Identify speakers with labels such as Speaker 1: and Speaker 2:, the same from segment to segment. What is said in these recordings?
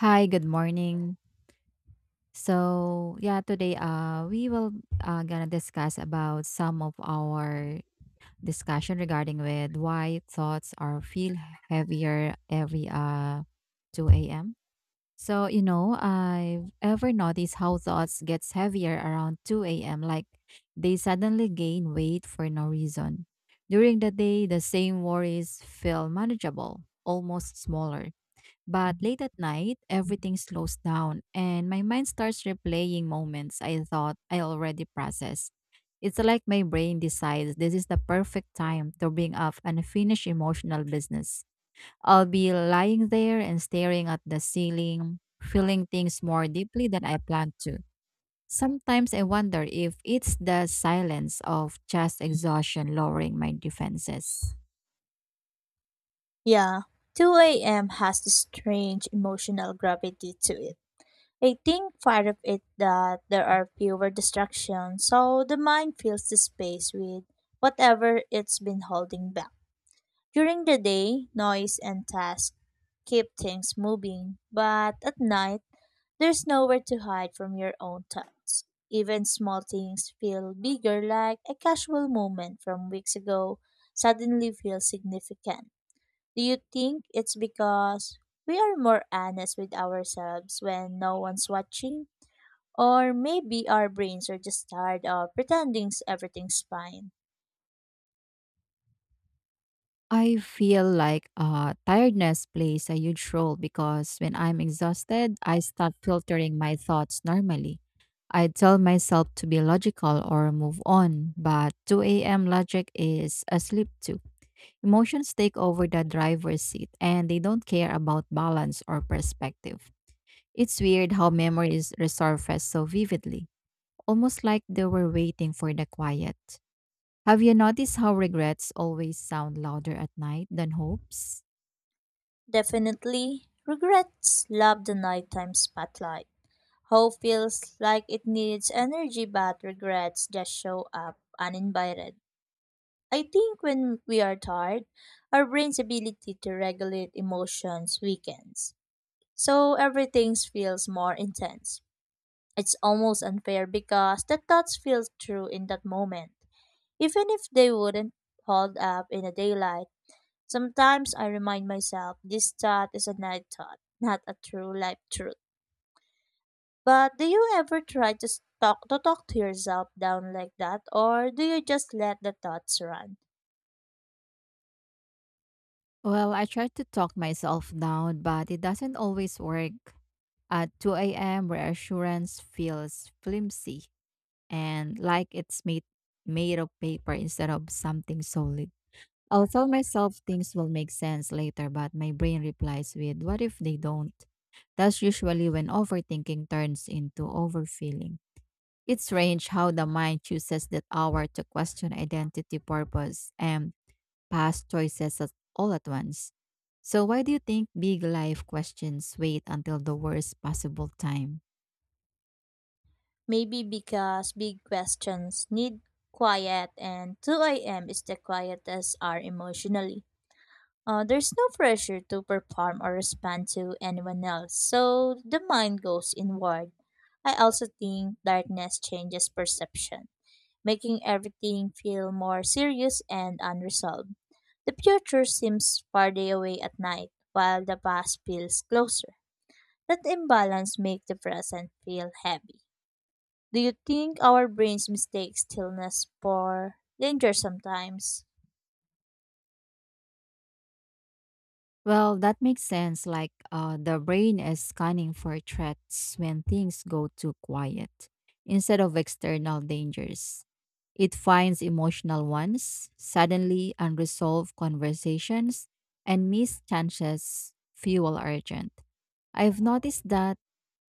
Speaker 1: Hi, good morning. So, yeah, today we will gonna discuss about some of our discussion regarding with why thoughts are feel heavier every 2 a.m. I've ever noticed how thoughts gets heavier around 2 a.m., like they suddenly gain weight for no reason. During the day, the same worries feel manageable, almost smaller, but late at night, everything slows down and my mind starts replaying moments I thought I already processed. It's like my brain decides this is the perfect time to bring up unfinished emotional business. I'll be lying there and staring at the ceiling, feeling things more deeply than I planned to. Sometimes I wonder if it's the silence of just exhaustion lowering my defenses.
Speaker 2: Yeah, 2 a.m. has this strange emotional gravity to it. I think part of it that there are fewer distractions, so the mind fills the space with whatever it's been holding back. During the day, noise and tasks keep things moving, but at night, there's nowhere to hide from your own thoughts. Even small things feel bigger, like a casual moment from weeks ago suddenly feels significant. Do you think it's because we are more honest with ourselves when no one's watching? Or maybe our brains are just tired of pretending everything's fine.
Speaker 1: I feel like tiredness plays a huge role because when I'm exhausted, I stop filtering my thoughts normally. I tell myself to be logical or move on, but 2 a.m. logic is asleep too. Emotions take over the driver's seat and they don't care about balance or perspective. It's weird how memories resurface so vividly, almost like they were waiting for the quiet. Have you noticed how regrets always sound louder at night than hopes?
Speaker 2: Definitely, regrets love the nighttime spotlight. Hope feels like it needs energy, but regrets just show up uninvited. I think when we are tired, our brain's ability to regulate emotions weakens, so everything feels more intense. It's almost unfair because the thoughts feel true in that moment, even if they wouldn't hold up in the daylight. Sometimes I remind myself this thought is a night thought, not a true life truth. But do you ever try to talk to yourself down like that, or do you just let the thoughts run?
Speaker 1: Well, I try to talk myself down, but it doesn't always work. At 2 a.m., reassurance feels flimsy and like it's made of paper instead of something solid. I'll tell myself things will make sense later, but my brain replies with, what if they don't? That's usually when overthinking turns into overfeeling. It's strange how the mind chooses that hour to question identity, purpose, and all at once. So, why do you think big life questions wait until the worst possible time?
Speaker 2: Maybe because big questions need quiet, and 2 a.m. is the quietest hour emotionally. There's no pressure to perform or respond to anyone else, so the mind goes inward. I also think darkness changes perception, making everything feel more serious and unresolved. The future seems farther away at night, while the past feels closer. That imbalance makes the present feel heavy. Do you think our brains mistake stillness for danger sometimes?
Speaker 1: Well, that makes sense. Like the brain is scanning for threats when things go too quiet instead of external dangers. It finds emotional ones, suddenly unresolved conversations, and missed chances fuel urgent. I've noticed that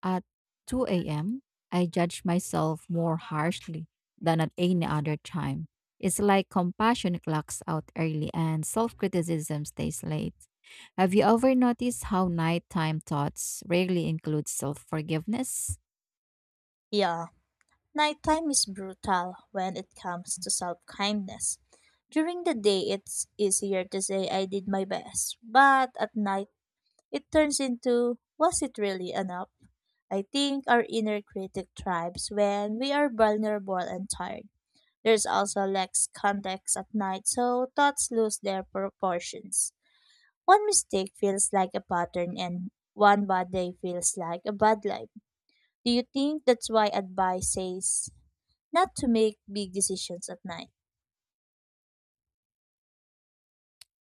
Speaker 1: at 2 a.m., I judge myself more harshly than at any other time. It's like compassion clocks out early and self criticism stays late. Have you ever noticed how nighttime thoughts rarely include self forgiveness?
Speaker 2: Yeah. Nighttime is brutal when it comes to self kindness. During the day, it's easier to say I did my best, but at night, it turns into was it really enough? I think our inner critic thrives when we are vulnerable and tired. There's also less context at night, so thoughts lose their proportions. One mistake feels like a pattern, and one bad day feels like a bad life. Do you think that's why advice says not to make big decisions at night.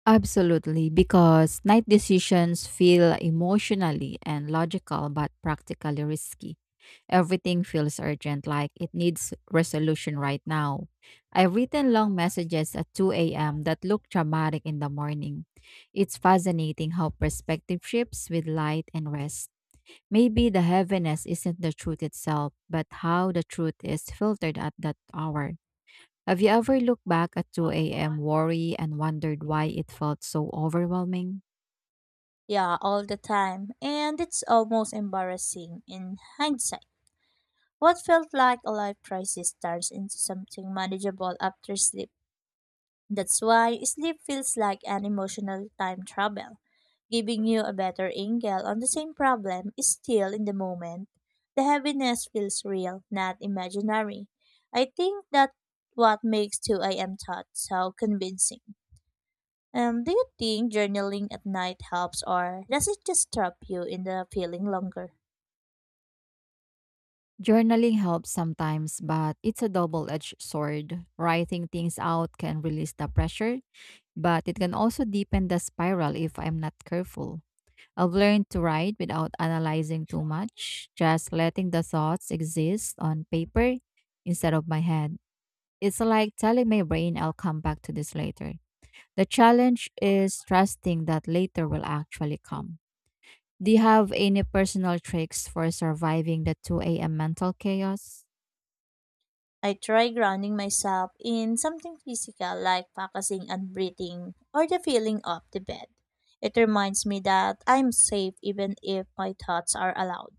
Speaker 1: Absolutely, because night decisions feel emotionally and logical but practically risky. Everything feels urgent, like it needs resolution right now. I've written long messages at 2 a.m. that look dramatic in the morning. It's fascinating how perspective shifts with light and rest. Maybe the heaviness isn't the truth itself, but how the truth is filtered at that hour. Have you ever looked back at 2 a.m. worry and wondered why it felt so overwhelming?
Speaker 2: Yeah, all the time. And it's almost embarrassing in hindsight. What felt like a life crisis turns into something manageable after sleep. That's why sleep feels like an emotional time travel, giving you a better angle on the same problem is still in the moment. The heaviness feels real, not imaginary. I think that what makes 2 a.m. thoughts so convincing. Do you think journaling at night helps, or does it just trap you in the feeling longer?
Speaker 1: Journaling helps sometimes, but it's a double edged sword. Writing things out can release the pressure, but it can also deepen the spiral if I'm not careful. I've learned to write without analyzing too much, just letting the thoughts exist on paper instead of my head. It's like telling my brain I'll come back to this later. The challenge is trusting that later will actually come. Do you have any personal tricks for surviving the 2 a.m. mental chaos?
Speaker 2: I try grounding myself in something physical like focusing on breathing or the feeling of the bed. It reminds me that I'm safe even if my thoughts are loud.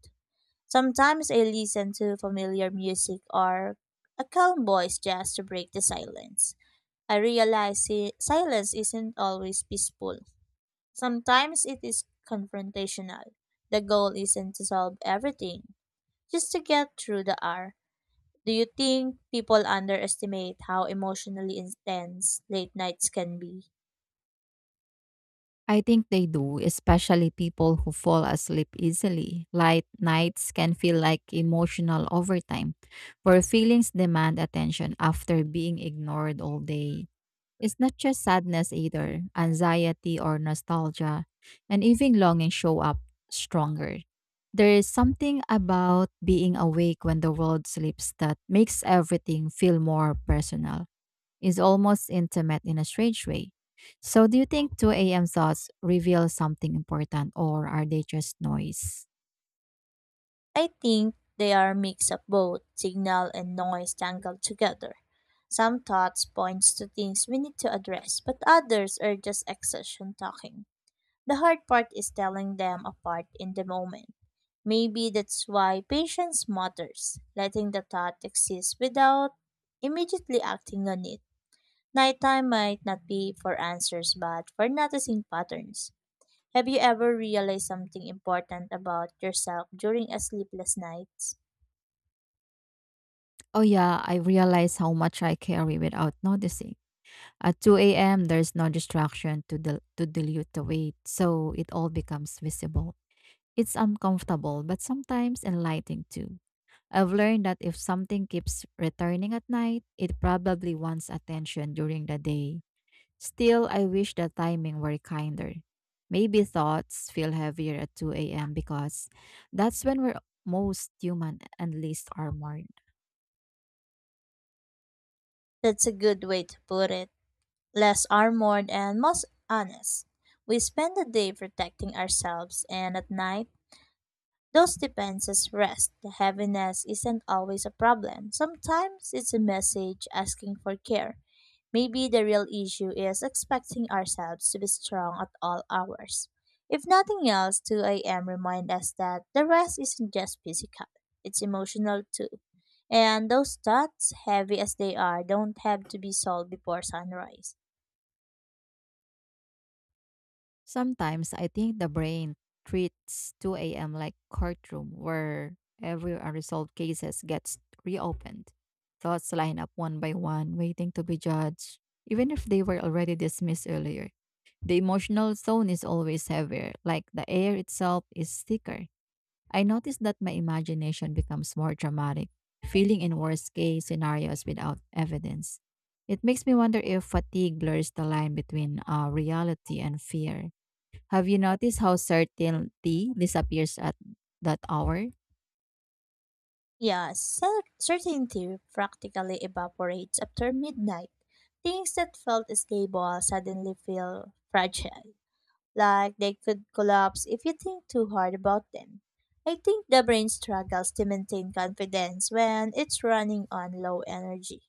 Speaker 2: Sometimes I listen to familiar music or a calm voice just to break the silence. I realize silence isn't always peaceful. Sometimes it is confrontational. The goal isn't to solve everything, just to get through the hour. Do you think people underestimate how emotionally intense late nights can be?
Speaker 1: I think they do, especially people who fall asleep easily. Light nights can feel like emotional overtime, where feelings demand attention after being ignored all day. It's not just sadness either, anxiety or nostalgia, and even longing show up stronger. There is something about being awake when the world sleeps that makes everything feel more personal. Is almost intimate in a strange way. So, do you think 2 a.m. thoughts reveal something important or are they just noise?
Speaker 2: I think they are a mix of both signal and noise tangled together. Some thoughts points to things we need to address, but others are just exhaustion talking. The hard part is telling them apart in the moment. Maybe that's why patience matters, letting the thought exist without immediately acting on it. Nighttime might not be for answers but for noticing patterns. Have you ever realized something important about yourself during a sleepless night?
Speaker 1: Oh, yeah, I realize how much I carry without noticing. At 2 a.m., there's no distraction to, dil- to dilute the weight, so it all becomes visible. It's uncomfortable, but sometimes enlightening too. I've learned that if something keeps returning at night, it probably wants attention during the day. Still, I wish the timing were kinder. Maybe thoughts feel heavier at 2 a.m. because that's when we're most human and least armored.
Speaker 2: That's a good way to put it. Less armored and most honest. We spend the day protecting ourselves and at night those defenses rest. The heaviness isn't always a problem. Sometimes it's a message asking for care. Maybe the real issue is expecting ourselves to be strong at all hours. If nothing else, 2 a.m. remind us that the rest isn't just physical, it's emotional too. And those thoughts, heavy as they are, don't have to be solved before sunrise.
Speaker 1: Sometimes I think the brain treats 2 a.m. like courtroom where every unresolved cases gets reopened. Thoughts line up one by one, waiting to be judged, even if they were already dismissed earlier. The emotional zone is always heavier, like the air itself is thicker. I noticed that my imagination becomes more dramatic, feeling in worst case scenarios without evidence. It makes me wonder if fatigue blurs the line between reality and fear. Have you noticed how certainty disappears at that hour?
Speaker 2: Yeah, certainty practically evaporates after midnight. Things that felt stable suddenly feel fragile, like they could collapse if you think too hard about them. I think the brain struggles to maintain confidence when it's running on low energy.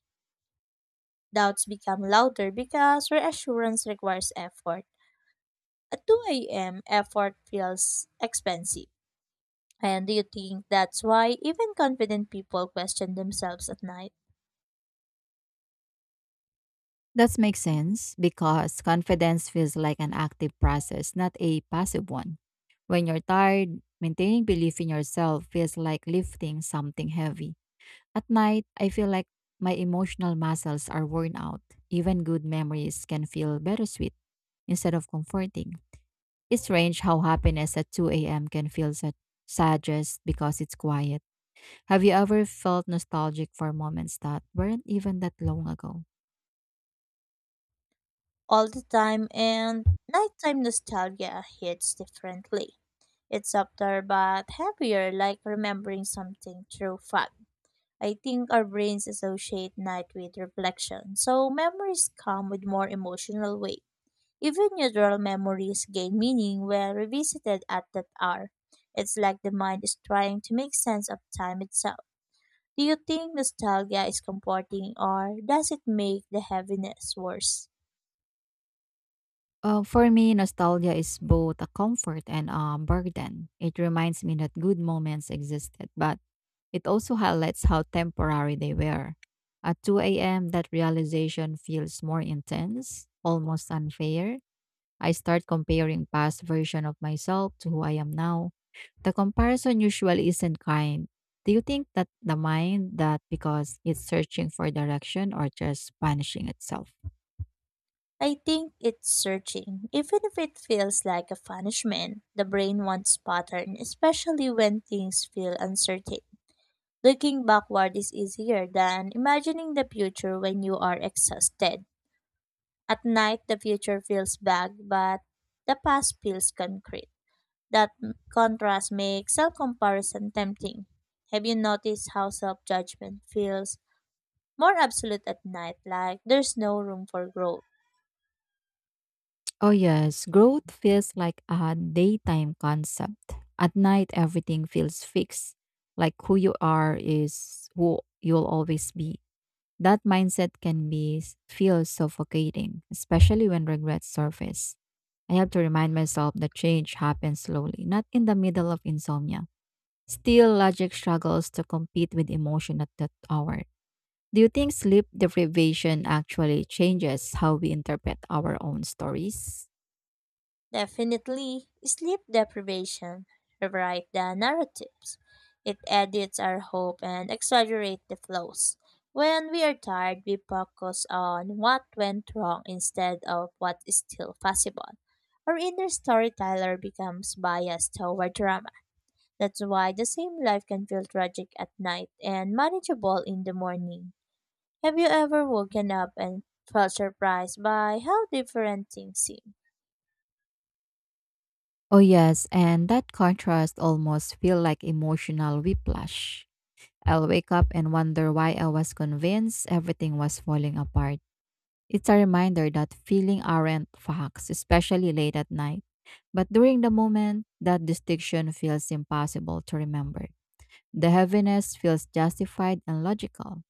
Speaker 2: Doubts become louder because reassurance requires effort. At 2 a.m., effort feels expensive. And do you think that's why even confident people question themselves at night?
Speaker 1: That makes sense because confidence feels like an active process, not a passive one. When you're tired, maintaining belief in yourself feels like lifting something heavy. At night, I feel like my emotional muscles are worn out. Even good memories can feel bittersweet instead of comforting. It's strange how happiness at 2 a.m. can feel such sad just because it's quiet. Have you ever felt nostalgic for moments that weren't even that long ago?
Speaker 2: All the time, and nighttime nostalgia hits differently. It's softer but heavier, like remembering something through fog. I think our brains associate night with reflection, so memories come with more emotional weight. Even neutral memories gain meaning when revisited at that hour. It's like the mind is trying to make sense of time itself. Do you think nostalgia is comforting or does it make the heaviness worse?
Speaker 1: For me, nostalgia is both a comfort and a burden. It reminds me that good moments existed, but it also highlights how temporary they were. At 2 a.m., that realization feels more intense, almost unfair. I start comparing past version of myself to who I am now. The comparison usually isn't kind. Do you think that the mind that because it's searching for direction or just punishing itself?
Speaker 2: I think it's searching. Even if it feels like a punishment, the brain wants pattern, especially when things feel uncertain. Looking backward is easier than imagining the future when you are exhausted. At night, the future feels vague, but the past feels concrete. Contrast makes self comparison tempting. Have you noticed how self judgment feels more absolute at night, like there's no room for growth?
Speaker 1: Oh yes, growth feels like a daytime concept. At night everything feels fixed, like who you are is who you'll always be. That mindset can be feel suffocating, especially when regrets surface. I have to remind myself that change happens slowly, not in the middle of insomnia. Still, logic struggles to compete with emotion at that hour. Do you think sleep deprivation actually changes how we interpret our own stories?
Speaker 2: Definitely, sleep deprivation rewrite the narratives. It edits our hope and exaggerate the flaws. When we are tired, we focus on what went wrong instead of what is still possible. Our inner storyteller becomes biased toward drama. That's why the same life can feel tragic at night and manageable in the morning. Have you ever woken up and felt surprised by how different things seem?
Speaker 1: Oh yes, and that contrast almost feel like emotional whiplash. I'll wake up and wonder why I was convinced everything was falling apart. It's a reminder that feeling aren't facts, especially late at night. But during the moment, that distinction feels impossible to remember. The heaviness feels justified and logical.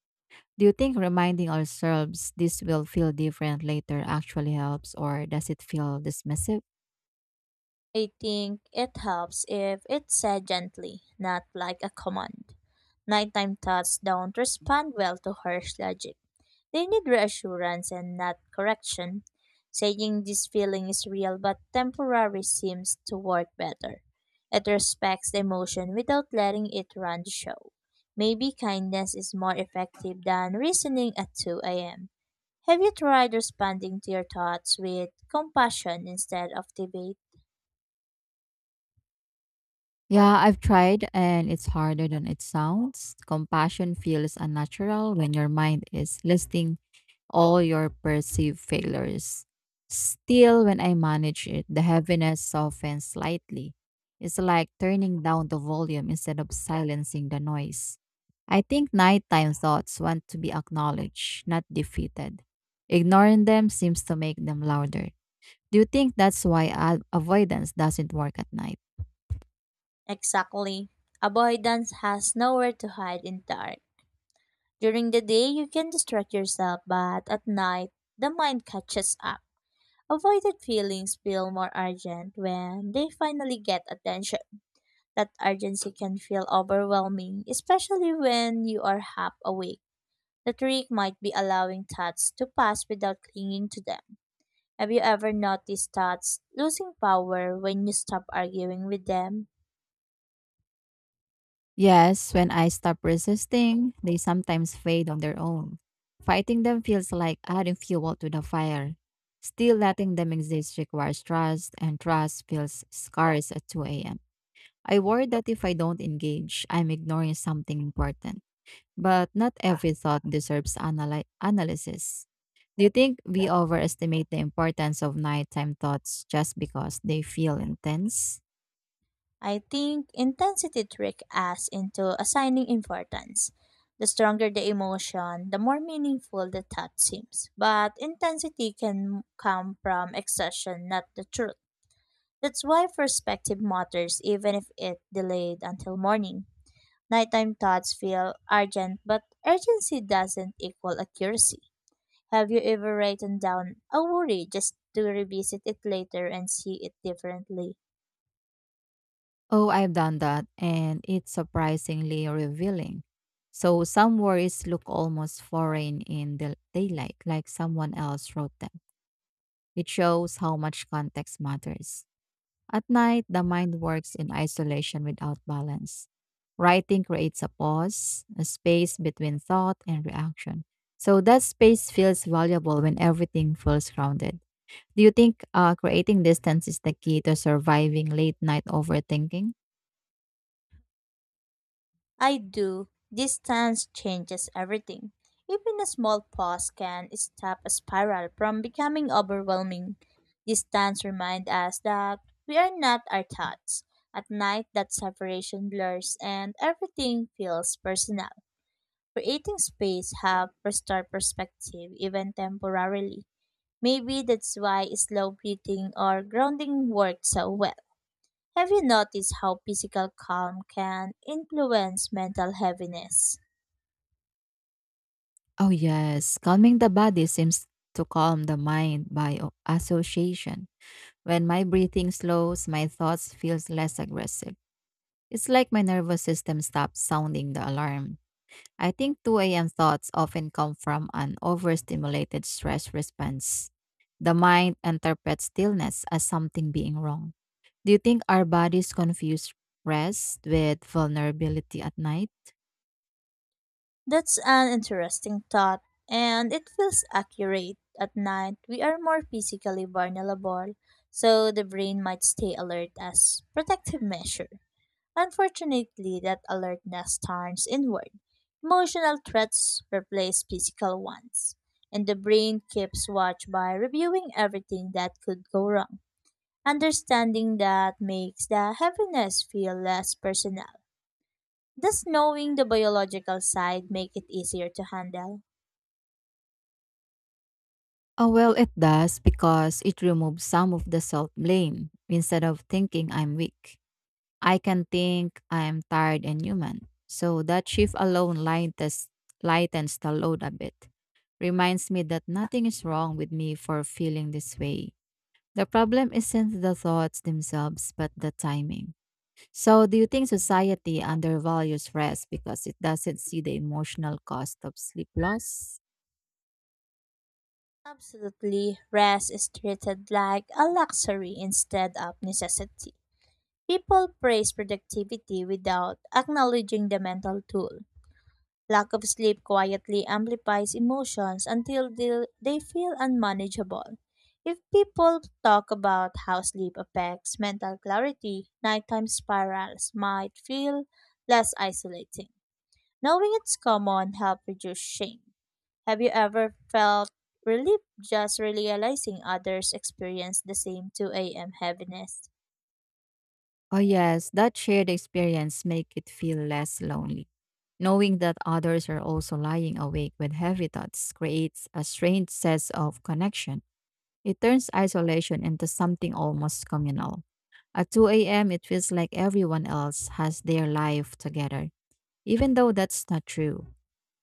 Speaker 1: Do you think reminding ourselves this will feel different later actually helps, or does it feel dismissive?
Speaker 2: I think it helps if it's said gently, not like a command. Nighttime thoughts don't respond well to harsh logic. They need reassurance and not correction. Saying this feeling is real but temporary seems to work better. It respects the emotion without letting it run the show. Maybe kindness is more effective than reasoning at 2 a.m. Have you tried responding to your thoughts with compassion instead of debate?
Speaker 1: Yeah, I've tried and it's harder than it sounds. Compassion feels unnatural when your mind is listing all your perceived failures. Still, when I manage it, the heaviness softens slightly. It's like turning down the volume instead of silencing the noise. I think nighttime thoughts want to be acknowledged, not defeated. Ignoring them seems to make them louder. Do you think that's why avoidance doesn't work at night?
Speaker 2: Exactly. Avoidance has nowhere to hide in the dark. During the day, you can distract yourself, but at night, the mind catches up. Avoided feelings feel more urgent when they finally get attention. That urgency can feel overwhelming, especially when you are half awake. The trick might be allowing thoughts to pass without clinging to them. Have you ever noticed thoughts losing power when you stop arguing with them?
Speaker 1: Yes, when I stop resisting, they sometimes fade on their own. Fighting them feels like adding fuel to the fire. Still letting them exist requires trust, and trust feels scarce at 2 a.m. I worry that if I don't engage, I'm ignoring something important. But not every thought deserves analysis. Do you think we overestimate the importance of nighttime thoughts just because they feel intense?
Speaker 2: I think intensity trick us into assigning importance. The stronger the emotion, the more meaningful the thought seems. But intensity can come from exhaustion, not the truth. That's why perspective matters even if it delayed until morning. Nighttime thoughts feel urgent, but urgency doesn't equal accuracy. Have you ever written down a worry just to revisit it later and see it differently?
Speaker 1: Oh, I've done that, and it's surprisingly revealing. So, some worries look almost foreign in the daylight, like someone else wrote them. It shows how much context matters. At night, the mind works in isolation without balance. Writing creates a pause, a space between thought and reaction. So, that space feels valuable when everything feels grounded. Do you think creating distance is the key to surviving late night overthinking?
Speaker 2: I do. Distance changes everything. Even a small pause can stop a spiral from becoming overwhelming. Distance reminds us that we are not our thoughts. At night, that separation blurs and everything feels personal. Creating space helps restore perspective, even temporarily. Maybe that's why slow breathing or grounding work so well. Have you noticed how physical calm can influence mental heaviness?
Speaker 1: Oh, yes. Calming the body seems to calm the mind by association. When my breathing slows, my thoughts feels less aggressive. It's like my nervous system stops sounding the alarm. I think 2 a.m. thoughts often come from an overstimulated stress response. The mind interprets stillness as something being wrong. Do you think our bodies confuse rest with vulnerability at night?
Speaker 2: That's an interesting thought, and it feels accurate. At night, we are more physically vulnerable, so the brain might stay alert as protective measure. Unfortunately, that alertness turns inward. Emotional threats replace physical ones, and the brain keeps watch by reviewing everything that could go wrong. Understanding that makes the heaviness feel less personal. Does knowing the biological side make it easier to handle?
Speaker 1: Oh, well, it does because it removes some of the self blame. Instead of thinking I'm weak, I can think I'm tired and human. So that shift alone lightens the load a bit. Reminds me that nothing is wrong with me for feeling this way. The problem isn't the thoughts themselves, but the timing. So, do you think society undervalues rest because it doesn't see the emotional cost of sleep loss?
Speaker 2: Absolutely, rest is treated like a luxury instead of necessity. People praise productivity without acknowledging the mental toll. Lack of sleep quietly amplifies emotions until they feel unmanageable. If people talk about how sleep affects mental clarity, nighttime spirals might feel less isolating. Knowing it's common helps reduce shame. Have you ever felt relief just realizing others experience the same 2 a.m. heaviness?
Speaker 1: Oh yes, that shared experience make it feel less lonely. Knowing that others are also lying awake with heavy thoughts creates a strange sense of connection. It turns isolation into something almost communal. At 2 a.m., it feels like everyone else has their life together, even though that's not true.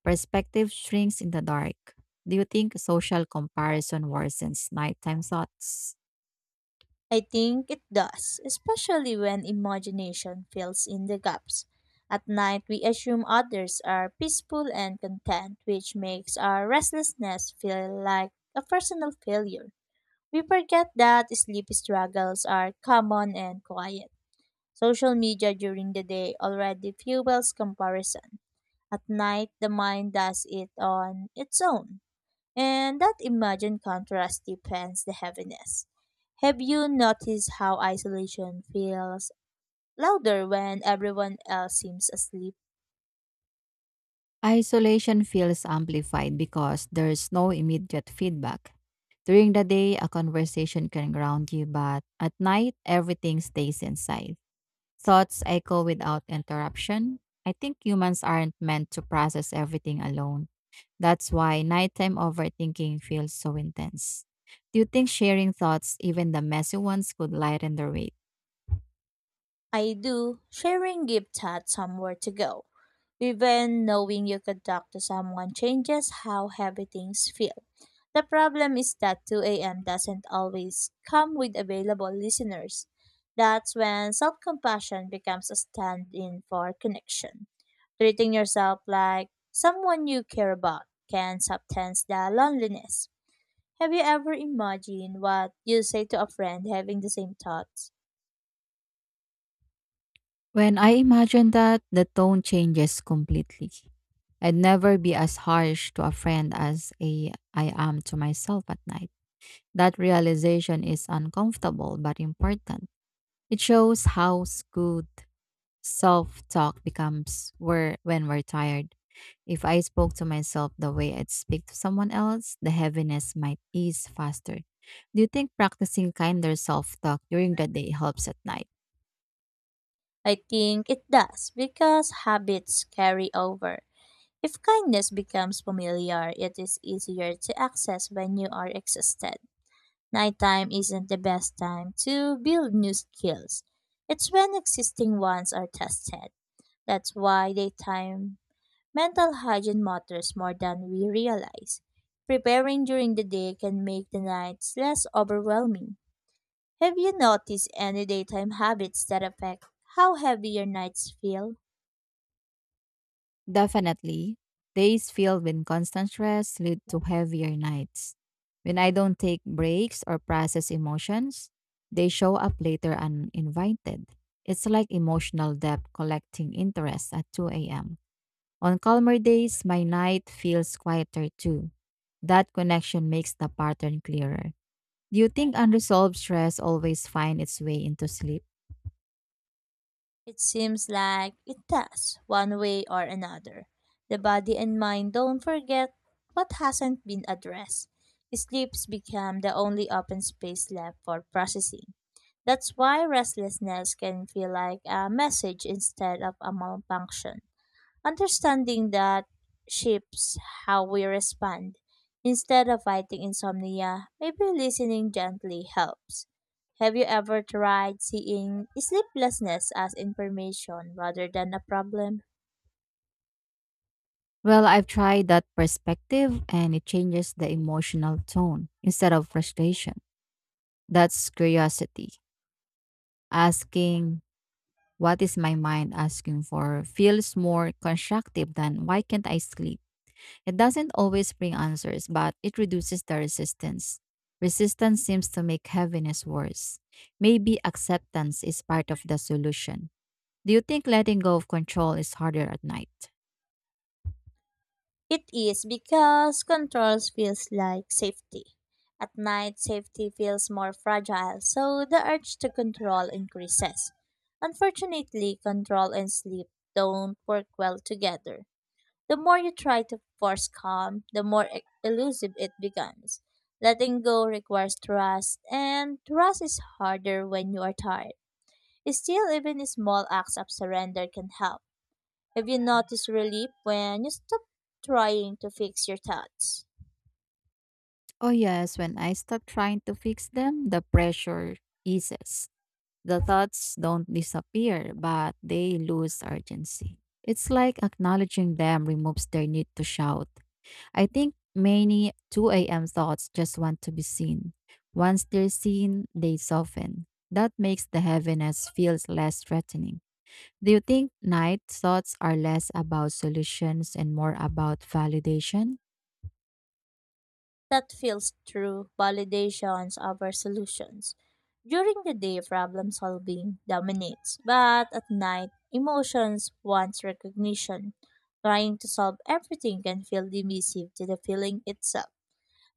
Speaker 1: Perspective shrinks in the dark. Do you think social comparison worsens nighttime thoughts?
Speaker 2: I think it does, especially when imagination fills in the gaps. At night, we assume others are peaceful and content, which makes our restlessness feel like a personal failure. We forget that sleep struggles are common and quiet. Social media during the day already fuels comparison. At night, the mind does it on its own. And that imagined contrast deepens the heaviness. Have you noticed how isolation feels louder when everyone else seems asleep?
Speaker 1: Isolation feels amplified because there's no immediate feedback. During the day, a conversation can ground you, but at night, everything stays inside. Thoughts echo without interruption. I think humans aren't meant to process everything alone. That's why nighttime overthinking feels so intense. Do you think sharing thoughts, even the messy ones, could lighten the weight?
Speaker 2: I do, sharing gift had somewhere to go. Even knowing you could talk to someone changes how heavy things feel. The problem is that 2 a.m. doesn't always come with available listeners. That's when self compassion becomes a stand in for connection. Treating yourself like someone you care about can subtend the loneliness. Have you ever imagined what you say to a friend having the same thoughts?
Speaker 1: When I imagine that, the tone changes completely. I'd never be as harsh to a friend as a, I am to myself at night. That realization is uncomfortable but important. It shows how good self talk becomes where, when we're tired. If I spoke to myself the way I'd speak to someone else, the heaviness might ease faster. Do you think practicing kinder self talk during the day helps at night?
Speaker 2: I think it does because habits carry over. If kindness becomes familiar, it is easier to access when you are exhausted. Nighttime isn't the best time to build new skills. It's when existing ones are tested. That's why daytime mental hygiene matters more than we realize. Preparing during the day can make the nights less overwhelming. Have you noticed any daytime habits that affect how heavy your nights feel?
Speaker 1: Definitely. Days filled with constant stress lead to heavier nights. When I don't take breaks or process emotions, they show up later uninvited. It's like emotional debt collecting interest at 2 a.m. On calmer days, my night feels quieter too. That connection makes the pattern clearer. Do you think unresolved stress always finds its way into sleep?
Speaker 2: It seems like it does, one way or another. The body and mind don't forget what hasn't been addressed. Sleeps become the only open space left for processing. That's why restlessness can feel like a message instead of a malfunction. Understanding that shapes how we respond. Instead of fighting insomnia, maybe listening gently helps. Have you ever tried seeing sleeplessness as information rather than a problem?
Speaker 1: Well, I've tried that perspective and it changes the emotional tone instead of frustration. That's curiosity. Asking, what is my mind asking for, feels more constructive than why can't I sleep? It doesn't always bring answers, but it reduces the resistance. Resistance seems to make heaviness worse. Maybe acceptance is part of the solution. Do you think letting go of control is harder at night?
Speaker 2: It is because controls feels like safety. At night, safety feels more fragile, so the urge to control increases. Unfortunately, control and sleep don't work well together. The more you try to force calm, the more elusive it becomes. Letting go requires trust, and trust is harder when you are tired. Still, even small acts of surrender can help. Have you noticed relief when you stop trying to fix your thoughts?
Speaker 1: Oh, yes, when I stop trying to fix them, the pressure eases. The thoughts don't disappear, but they lose urgency. It's like acknowledging them removes their need to shout. I think many 2 a.m. thoughts just want to be seen. Once they're seen, they soften. That makes the heaviness feels less threatening. Do you think night thoughts are less about solutions and more about validation?
Speaker 2: That feels true validations of our solutions. During the day, problem solving dominates, but at night, emotions wants recognition. Trying to solve everything can feel divisive to the feeling itself.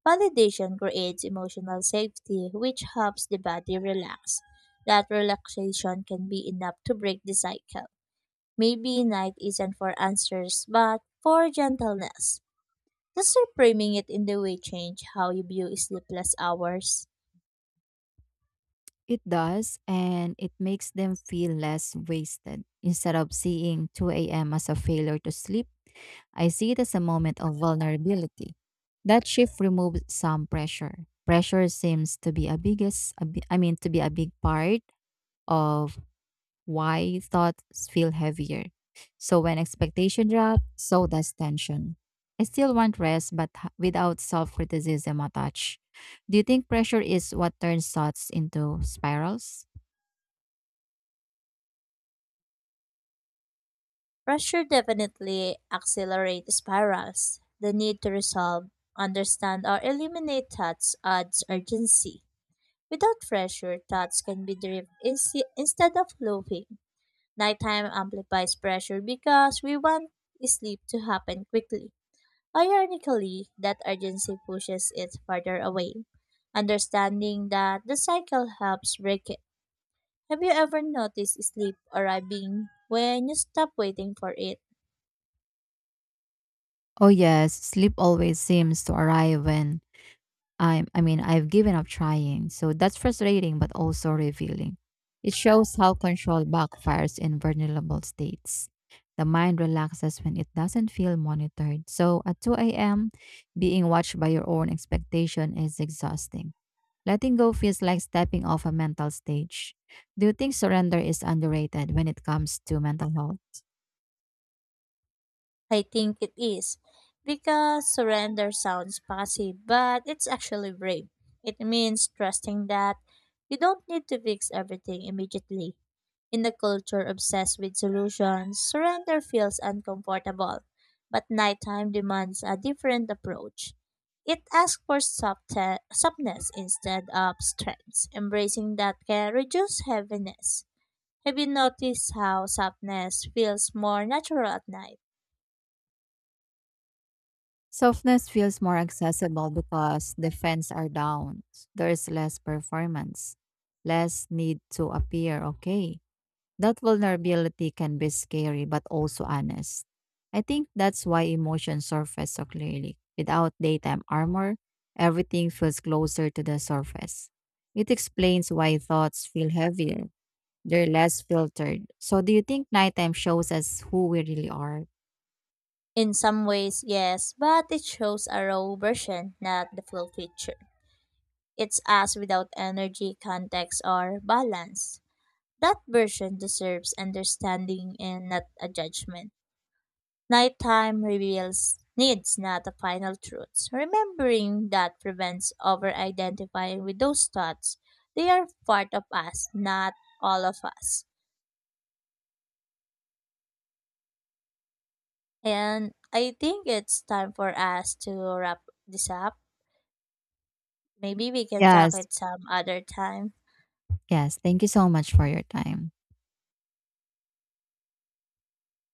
Speaker 2: Validation creates emotional safety, which helps the body relax. That relaxation can be enough to break the cycle. Maybe night isn't for answers, but for gentleness. Just framing it in the way change how you view sleepless hours.
Speaker 1: It does, and it makes them feel less wasted. Instead of seeing 2 a.m. as a failure to sleep, I see it as a moment of vulnerability. That shift removes some pressure. Pressure seems to be a biggest, a bi- I mean, to be a big part of why thoughts feel heavier. So when expectation drops, so does tension. I still want rest, but without self criticism attached. Do you think pressure is what turns thoughts into spirals?
Speaker 2: Pressure definitely accelerates spirals. The need to resolve, understand, or eliminate thoughts adds urgency. Without pressure, thoughts can be driven instead of looping. Nighttime amplifies pressure because we want sleep to happen quickly. Ironically, that urgency pushes it further away. Understanding that the cycle helps break it. Have you ever noticed sleep arriving when you stop waiting for it?
Speaker 1: Oh, yes, sleep always seems to arrive when I've given up trying. So that's frustrating but also revealing. It shows how control backfires in vulnerable states. The mind relaxes when it doesn't feel monitored. So at 2 a.m., being watched by your own expectation is exhausting. Letting go feels like stepping off a mental stage. Do you think surrender is underrated when it comes to mental health?
Speaker 2: I think it is because surrender sounds passive, but it's actually brave. It means trusting that you don't need to fix everything immediately. In a culture obsessed with solutions, surrender feels uncomfortable, but nighttime demands a different approach. It asks for softness instead of strength. Embracing that can reduce heaviness. Have you noticed how softness feels more natural at night?
Speaker 1: Softness feels more accessible because the fans are down. There is less performance, less need to appear okay. That vulnerability can be scary but also honest. I think that's why emotions surface so clearly. Without daytime armor, everything feels closer to the surface. It explains why thoughts feel heavier. They're less filtered. So do you think nighttime shows us who we really are?
Speaker 2: In some ways, yes, but it shows a raw version, not the full picture. It's us without energy, context, or balance. That version deserves understanding and not a judgment. Nighttime reveals needs, not the final truths. Remembering that prevents over identifying with those thoughts. They are part of us, not all of us. And I think it's time for us to wrap this up. Maybe we can talk
Speaker 1: Yes.
Speaker 2: it some other time.
Speaker 1: Yes. Thank you so much for your time.